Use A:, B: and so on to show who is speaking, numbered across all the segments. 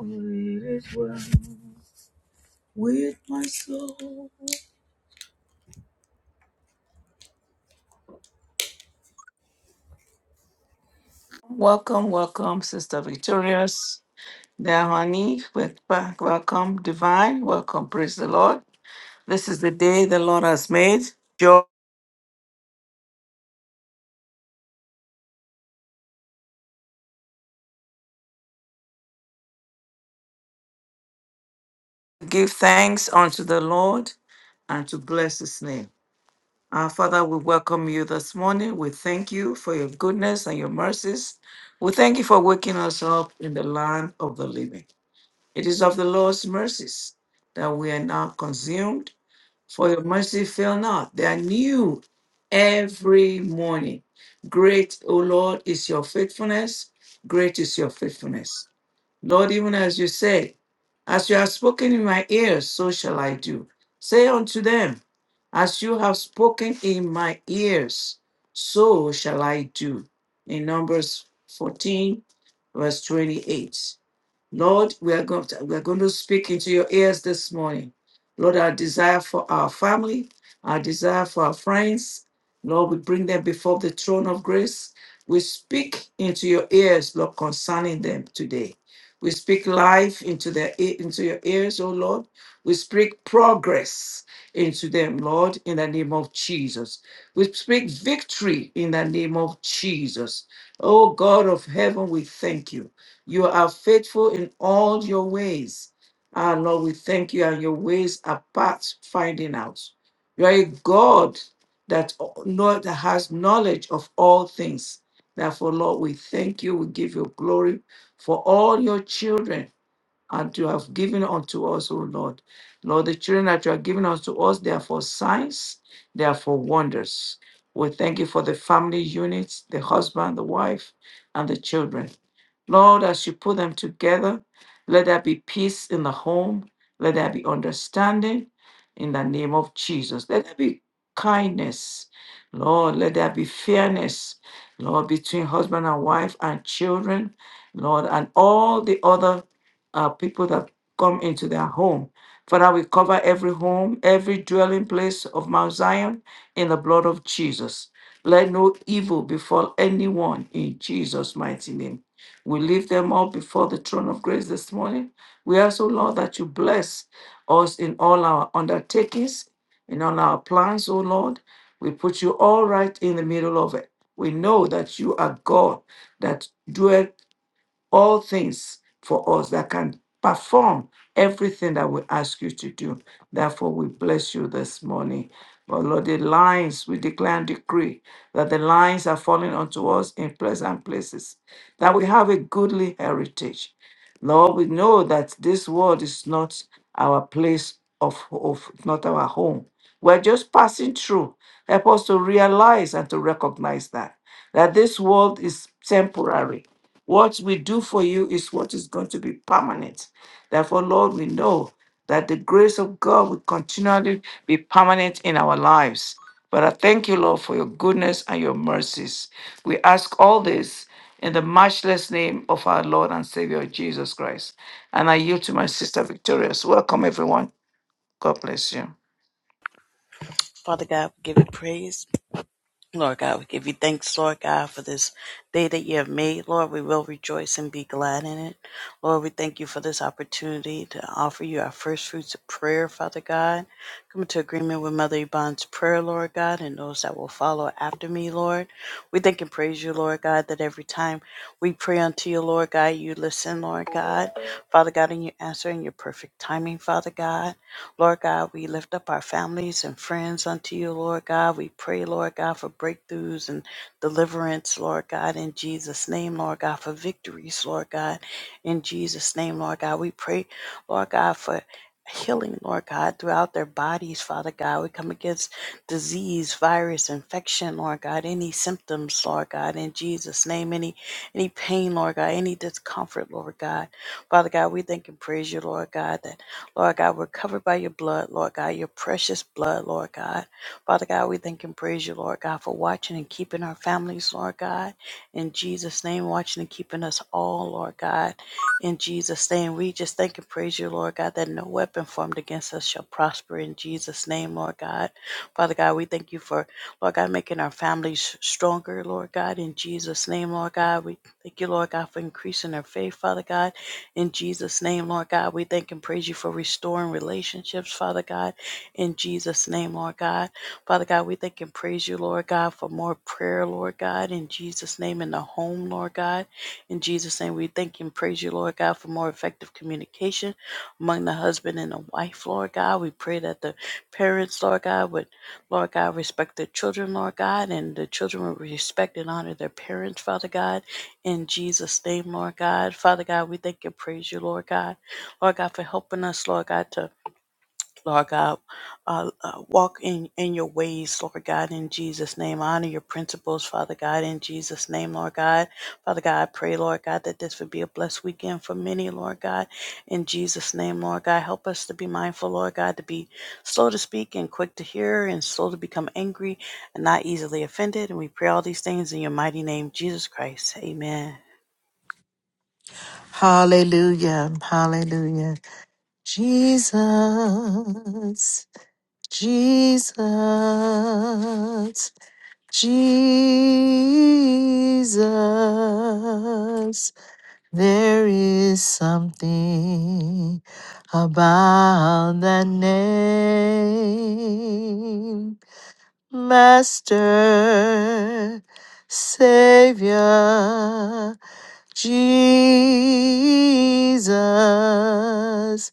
A: It is well with my soul. Welcome, welcome, Sister Victorious. Dahani, wel- welcome, Divine. Welcome, praise the Lord. This is the day the Lord has made. Joy, give thanks unto the Lord and to bless his name. Our Father, we welcome you this morning. We thank you for your goodness and your mercies. We thank you for waking us up in the land of the living. It is of the Lord's mercies that we are not consumed, for your mercy fail not. They are new every morning. Great, O Lord, is your faithfulness. Great is your faithfulness. Lord, even as you said, as you have spoken in my ears, so shall I do. Say unto them, as you have spoken in my ears, so shall I do. In Numbers 14, verse 28. Lord, we are going to, we are going to speak into your ears this morning. Lord, our desire for our family, our desire for our friends, Lord, we bring them before the throne of grace. We speak into your ears, Lord, concerning them today. We speak life into their e- into your ears, oh Lord. We speak progress into them, Lord, in the name of Jesus. We speak victory in the name of Jesus. Oh God of heaven, we thank you. You are faithful in all your ways. Ah, Lord, we thank you, and your ways are past finding out. You are a God that, Lord, that has knowledge of all things. Therefore, Lord, we thank you. We give you glory for all your children and you have given unto us, O Lord. Lord, the children that you have given unto us, they are for signs, they are for wonders. We thank you for the family units, the husband, the wife, and the children. Lord, as you put them together, let there be peace in the home, let there be understanding in the name of Jesus. Let there be kindness. Lord, let there be fairness, Lord, between husband and wife and children, Lord, and all the other uh, people that come into their home. Father, we cover every home, every dwelling place of Mount Zion in the blood of Jesus. Let no evil befall anyone in Jesus' mighty name. We lift them up before the throne of grace this morning. We ask, O Lord, that you bless us in all our undertakings, in all our plans, O Lord. We put you all right in the middle of it. We know that you are God that doeth all things for us that can perform everything that we ask you to do. Therefore, we bless you this morning. But Lord, the lines, we declare and decree that the lines are falling unto us in pleasant places, that we have a goodly heritage. Lord, we know that this world is not our place of, of not our home. We're just passing through. Help us to realize and to recognize that that this world is temporary. What we do for you is what is going to be permanent. Therefore, Lord, we know that the grace of God will continually be permanent in our lives. But I thank you, Lord, for your goodness and your mercies. We ask all this in the matchless name of our Lord and Savior Jesus Christ. And I yield to my sister Victorious. Welcome, everyone. God bless you.
B: Father God, we give you praise. Lord God, we give you thanks, Lord God, for this day that you have made. Lord, we will rejoice and be glad in it. Lord, we thank you for this opportunity to offer you our first fruits of prayer, Father God. Come into agreement with Mother Yvonne's prayer, Lord God, and those that will follow after me, Lord. We thank and praise you, Lord God, that every time we pray unto you, Lord God, you listen, Lord God. Father God, and you answer in your perfect timing, Father God. Lord God, we lift up our families and friends unto you, Lord God. We pray, Lord God, for breakthroughs and deliverance, Lord God, in Jesus' name, Lord God, for victories, Lord God, in Jesus' name, Lord God. We pray, Lord God, for healing, Lord God, throughout their bodies, Father God. We come against disease, virus, infection, Lord God, any symptoms, Lord God, in Jesus' name, any any pain, Lord God, any discomfort, Lord God. Father God, we thank and praise you, Lord God, that Lord God, we're covered by your blood, Lord God, your precious blood, Lord God. Father God, we thank and praise you, Lord God, for watching and keeping our families, Lord God. In Jesus' name, watching and keeping us all, Lord God. In Jesus' name, we just thank and praise you, Lord God, that no weapon formed against us shall prosper. In Jesus' name, Lord God. Father God, we thank you for, Lord God, making our families stronger, Lord God. In Jesus' name, Lord God, we thank you, Lord God, for increasing our faith, Father God. In Jesus' name, Lord God, we thank and praise you for restoring relationships, Father God. In Jesus' name, Lord God. Father God, we thank and praise you, Lord God, for more prayer, Lord God. In Jesus' name, in the home, Lord God. In Jesus' name, we thank and praise you, Lord God, for more effective communication among the husband and the wife, Lord God. We pray that the parents, Lord God, would, Lord God, respect their children, Lord God, and the children would respect and honor their parents, Father God. In Jesus' name, Lord God. Father God, we thank and praise you, Lord God. Lord God, for helping us, Lord God, to, Lord God, uh, uh, walk in, in your ways, Lord God, in Jesus' name. Honor your principles, Father God, in Jesus' name, Lord God. Father God, I pray, Lord God, that this would be a blessed weekend for many, Lord God, in Jesus' name, Lord God. Help us to be mindful, Lord God, to be slow to speak and quick to hear and slow to become angry and not easily offended. And we pray all these things in your mighty name, Jesus Christ. Amen.
C: Hallelujah. Hallelujah. Jesus. Jesus. Jesus. There is something about that name. Master, Savior, Jesus,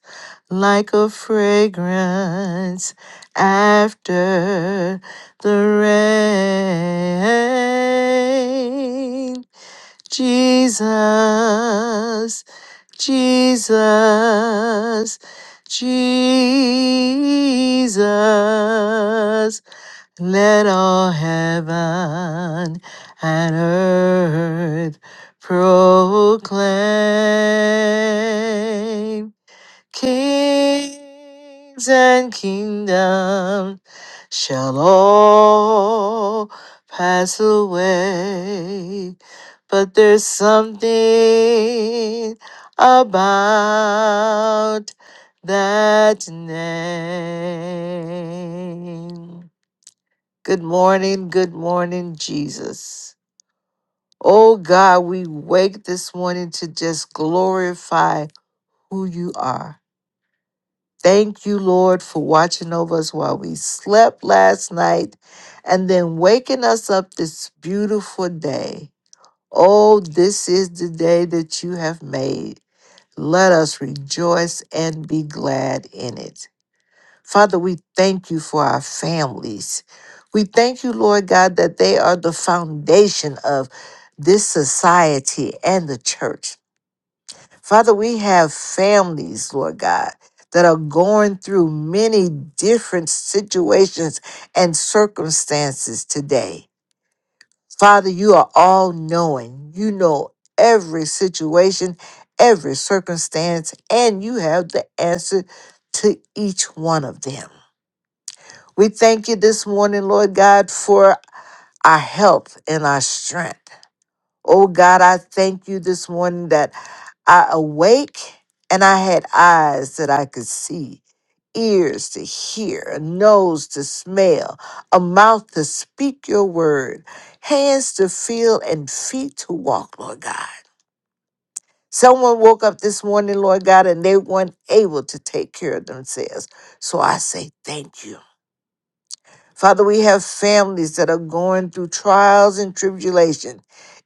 C: like a fragrance after the rain. Jesus, Jesus, Jesus. Let all heaven and earth proclaim Kings and kingdoms shall all pass away, but there's something about that name. Good morning, good morning, Jesus. Oh God, we wake this morning to just glorify who you are. Thank you, Lord, for watching over us while we slept last night and then waking us up this beautiful day. Oh, this is the day that you have made. Let us rejoice and be glad in it. Father, we thank you for our families. We thank you, Lord God, that they are the foundation of this society and the church. Father, we have families, Lord God, that are going through many different situations and circumstances today. Father, you are all knowing. You know every situation, every circumstance, and you have the answer to each one of them. We thank you this morning, Lord God, for our health and our strength. Oh God, I thank you this morning that I awake and I had eyes that I could see, ears to hear, a nose to smell, a mouth to speak your word, hands to feel, and feet to walk, Lord God. Someone woke up this morning, Lord God, and they weren't able to take care of themselves. So I say thank you. Father, we have families that are going through trials and tribulation.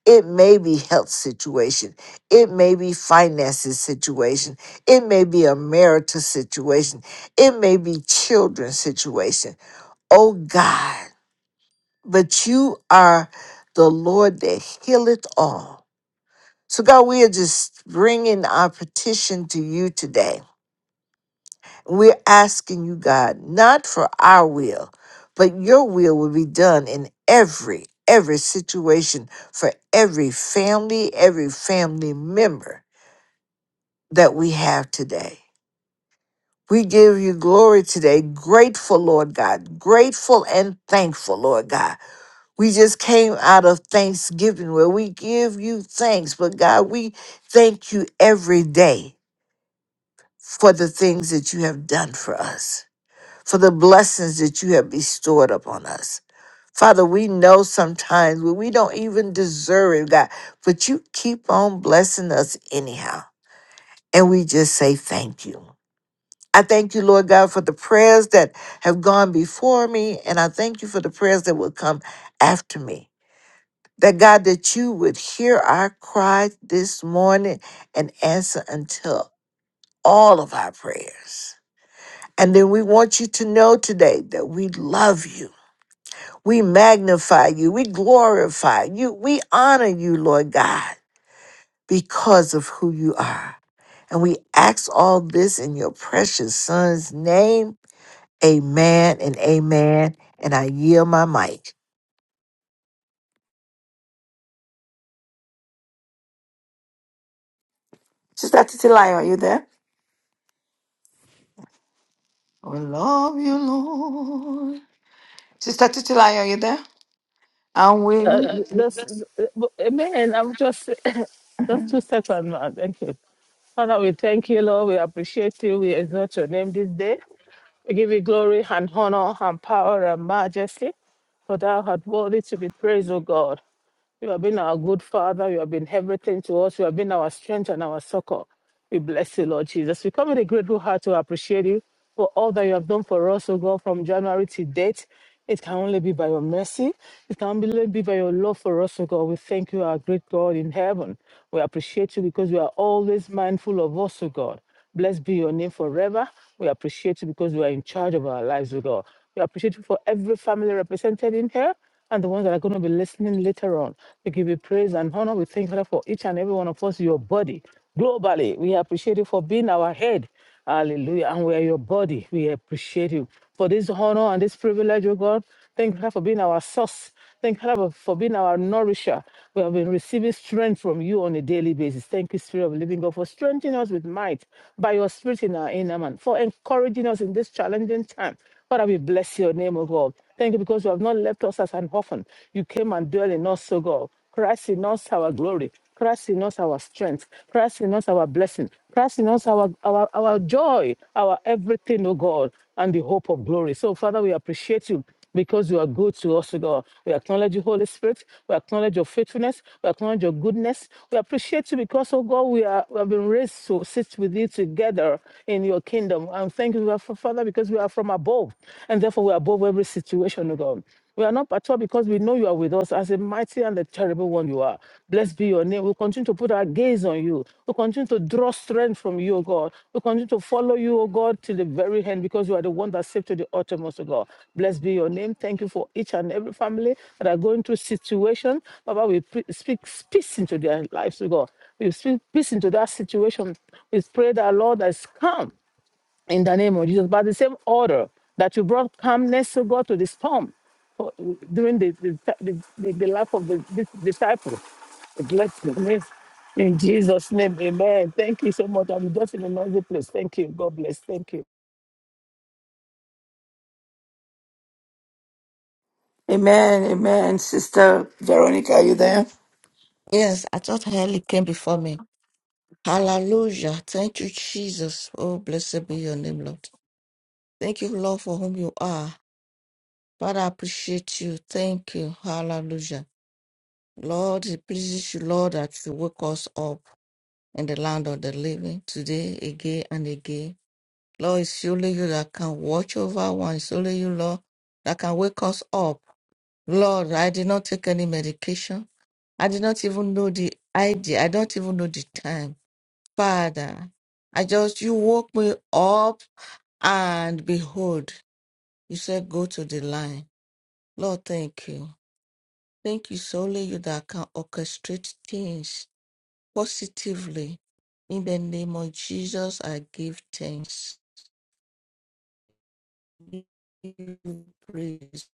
C: It may be health situation. It may be finances situation. It may be a marital situation. It may be children's situation. Oh God, but you are the Lord that healeth all. So God, we are just bringing our petition to you today. We're asking you, God, not for our will, but your will will be done in every, every situation for every family, every family member that we have today. We give you glory today, grateful, Lord God, grateful and thankful, Lord God. We just came out of Thanksgiving where we give you thanks, but God, we thank you every day for the things that you have done for us. for the blessings that you have bestowed upon us. Father, we know sometimes when we don't even deserve it, God, but you keep on blessing us anyhow. And we just say thank you. I thank you, Lord God, for the prayers that have gone before me, and I thank you for the prayers that will come after me. That God, that you would hear our cry this morning and answer until all of our prayers. And then we want you to know today that we love you We magnify you. We glorify you. We honor you, Lord God, because of who you are. And we ask all this in your precious son's name. Amen and amen. And I yield my mic.
A: Sister Titilayo, are you there? We love you, Lord. Sister Titilayo, are you there? And
D: Uh,
A: we. Uh,
D: just, uh, man, I'm just, just two seconds, man. Thank you. Father, we thank you, Lord. We appreciate you. We exalt your name this day. We give you glory and honor and power and majesty, for thou art worthy to be praised, O God. You have been our good father. You have been everything to us. You have been our strength and our succor. We bless you, Lord Jesus. We come with a grateful heart to appreciate you for all that you have done for us, O God, from January to date. It can only be by your mercy. It can only be by your love for us, O God. We thank you, our great God in heaven. We appreciate you because you are always mindful of us, O God. Blessed be your name forever. We appreciate you because you are in charge of our lives, O God. We appreciate you for every family represented in here and the ones that are going to be listening later on. We give you praise and honor. We thank you for each and every one of us, your body. Globally, we appreciate you for being our head. Hallelujah. And we are your body. We appreciate you for this honor and this privilege, oh God. Thank you for being our source. Thank you, Father, for being our nourisher. We have been receiving strength from you on a daily basis. Thank you, Spirit of the Living God, for strengthening us with might by your Spirit in our inner man, for encouraging us in this challenging time. Father, we bless your name, O God. Thank you because you have not left us as an orphan. You came and dwelt in us, O God. Christ in us, our glory. Christ in us our strength, Christ in us our blessing, Christ in us our, our, our joy, our everything, O God, and the hope of glory. So, Father, we appreciate you because you are good to us, O God. We acknowledge you, Holy Spirit. We acknowledge your faithfulness. We acknowledge your goodness. We appreciate you because, oh God, we, are, we have been raised to sit with you together in your kingdom. And thank you, Fa- Father, because we are from above. And therefore, we are above every situation, oh God. We are not perturbed because we know you are with us as a mighty and a terrible one you are. Blessed be your name. We continue to put our gaze on you. We continue to draw strength from you, O God. We continue to follow you, O God, till the very end because you are the one that saved to the uttermost, O God. Blessed be your name. Thank you for each and every family that are going through situation. Baba, we pre- speak peace into their lives, O God. We speak peace into that situation. We pray that, Lord, that is calm in the name of Jesus. By the same order that you brought calmness to God to the storm for- during the, the, the, the, the life of the, this disciple. Bless the name. In Jesus' name, amen. Thank you so much. I'm just in a noisy place. Thank you. God bless. Thank you.
A: Amen, amen. Sister Veronica, are you there?
E: Yes, I thought Heli came before me. Hallelujah. Thank you, Jesus. Oh, blessed be your name, Lord. Thank you, Lord, for whom you are. Father, I appreciate you. Thank you. Hallelujah. Lord, it pleases you, Lord, that you wake us up in the land of the living today, again and again. Lord, it's only you that can watch over one. It's only you, Lord, that can wake us up. Lord, I did not take any medication. I did not even know the idea. I don't even know the time. Father, I just, you woke me up and behold, you said, go to the line. Lord, thank you. Thank you solely you that can orchestrate things positively. In the name of Jesus, I give thanks. Give you praise.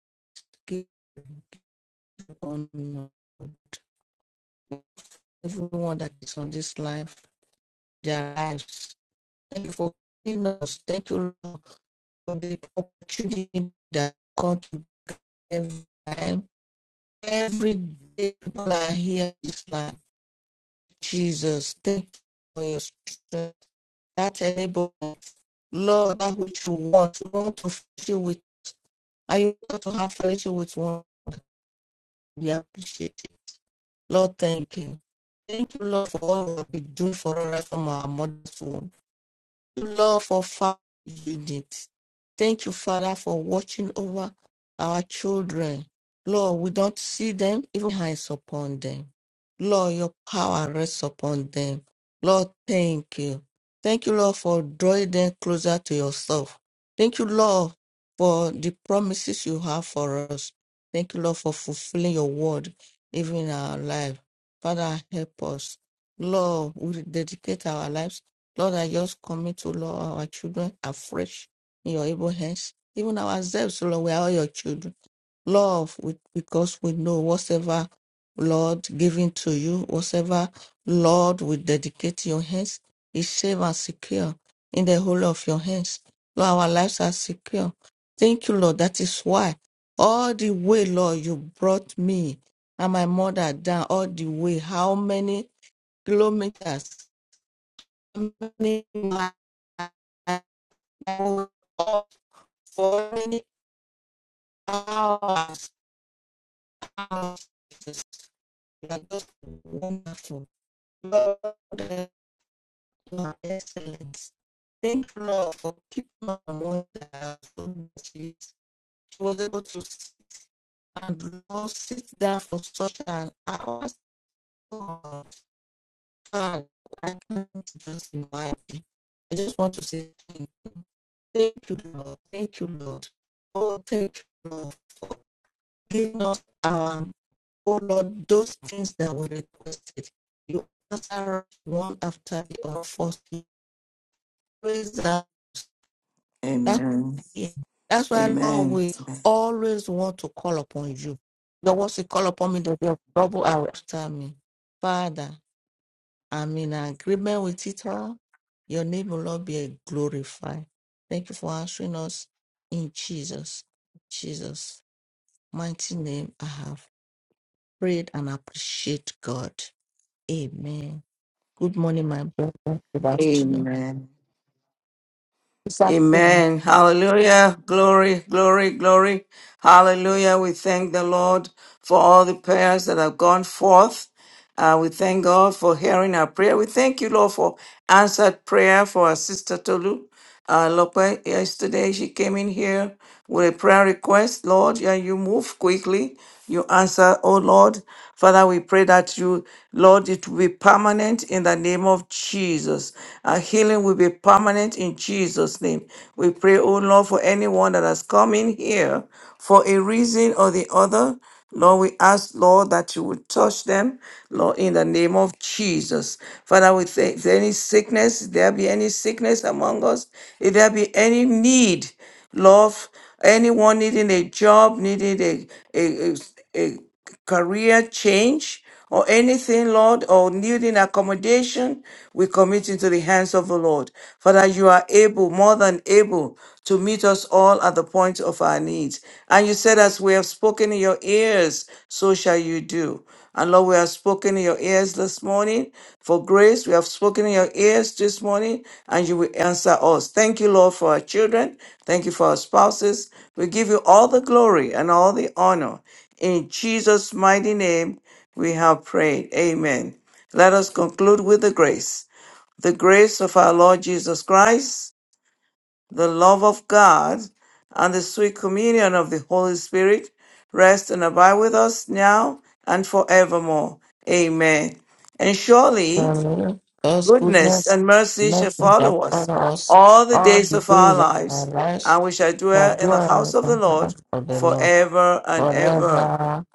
E: Give you honor. Everyone that is on this life. their lives. Thank you for giving us. Thank you Lord, for the opportunity that comes to every time. Every day people are here this night. Jesus, thank you for your strength. That enables us. Lord, that which you want, you want to fellowship with, and you want to have fellowship with one. We appreciate it. Lord, thank you. Thank you, Lord, for all what you do for us from our mother's womb. Lord, for Father, you unit. Thank you, Father, for watching over our children. Lord, we don't see them, even hands upon them. Lord, your power rests upon them. Lord, thank you. Thank you, Lord, for drawing them closer to yourself. Thank you, Lord, for the promises you have for us. Thank you, Lord, for fulfilling your word, even in our life. Father, help us. Lord, we dedicate our lives Lord, I just commit to Lord our children afresh in your able hands. Even ourselves, Lord, we are all your children. Lord, we, because we know whatever, Lord, given to you, whatever, Lord, we dedicate to your hands is safe and secure in the whole of your hands. Lord, our lives are secure. Thank you, Lord. That is why all the way, Lord, you brought me and my mother down all the way. How many kilometers? governing life of foreign powers. houses. You wonderful. Lord, you excellence. Thank you, Lord, for keeping my mother from She she was able to sit and Lord, sit down for such an hour. So, I can't just imagine. I just want to say thank you. Thank you, Lord. Thank you, Lord. Oh, thank you, Lord, for giving us, um, oh Lord, those things that were requested. You answer one after the other. First, you Praise that. That's
A: Amen.
E: why Lord,
A: Amen.
E: we always want to call upon you. Your words say, call upon me, that your trouble are after me. Father. I'm in agreement with it all. Your name will Lord be uh, glorified. Thank you for answering us in Jesus. Jesus, mighty name, I have prayed and appreciate God. Amen. Good morning, my brother. Good afternoon.
A: Amen.
E: This afternoon,
A: Amen. Hallelujah. Glory, glory, glory. Hallelujah. We thank the Lord for all the prayers that have gone forth. Uh, we thank God for hearing our prayer. We thank you, Lord, for answered prayer for our sister Tolu. Uh, Lope, yesterday she came in here with a prayer request. Lord, yeah, you move quickly. You answer, oh Lord. Father, we pray that you, Lord, it will be permanent in the name of Jesus. Our healing will be permanent in Jesus' name. We pray, oh Lord, for anyone that has come in here for a reason or the other. Lord, we ask, Lord, that you would touch them, Lord, in the name of Jesus. Father, we thank if there any sickness, if there be any sickness among us, if there be any need, Lord, anyone needing a job, needing a, a, a, a career change, or anything, Lord, or needing accommodation, we commit into the hands of the Lord. Father, you are able, more than able, to meet us all at the point of our needs. And you said, as we have spoken in your ears, so shall you do. And Lord, we have spoken in your ears this morning for grace. We have spoken in your ears this morning, and you will answer us. Thank you, Lord, for our children. Thank you for our spouses. We give you all the glory and all the honor. In Jesus' mighty name, we have prayed. Amen. Let us conclude with the grace. The grace of our Lord Jesus Christ, the love of God, and the sweet communion of the Holy Spirit rest and abide with us now and forevermore. Amen. And surely
E: um, God's
A: goodness
E: goodness,
A: and mercy shall
E: mercies that
A: follow us
E: follow us
A: all the
E: all
A: days
E: the
A: of our
E: days of our
A: lives,
E: lives.
A: and we shall
E: The
A: dwell in the house
E: dwell
A: of the
E: in the
A: Lord
E: house of the Lord
A: forever and ever.
E: forever,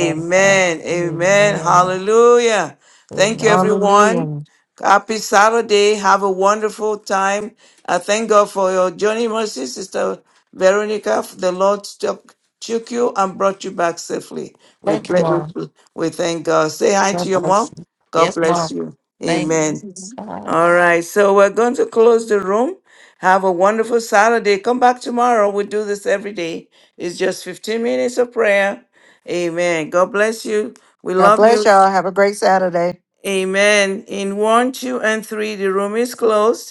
E: ever.
A: Amen.
E: Amen.
A: Hallelujah. Thank you,
E: Amen.
A: everyone.
C: Hallelujah.
A: Happy Saturday. Have a wonderful time. I thank God for your journey, mercy, Sister Veronica. The Lord took, took you and brought you back safely. We,
E: Thank you,
A: ble-
E: Mom.
A: we, we thank God. Say hi to
E: God
A: your
E: bless
A: mom.
E: you.
A: God
E: Yes,
A: bless
E: Mom.
A: you.
E: Thank
A: Amen.
E: God.
A: All right, so we're going to close the room. Have a wonderful Saturday. Come back tomorrow. We do this every day. It's just 15 minutes of prayer. Amen. God bless you. We
C: God
A: love
C: bless
A: you.
C: y'all. Have a great Saturday.
A: Amen. In one, two, and three, the room is closed.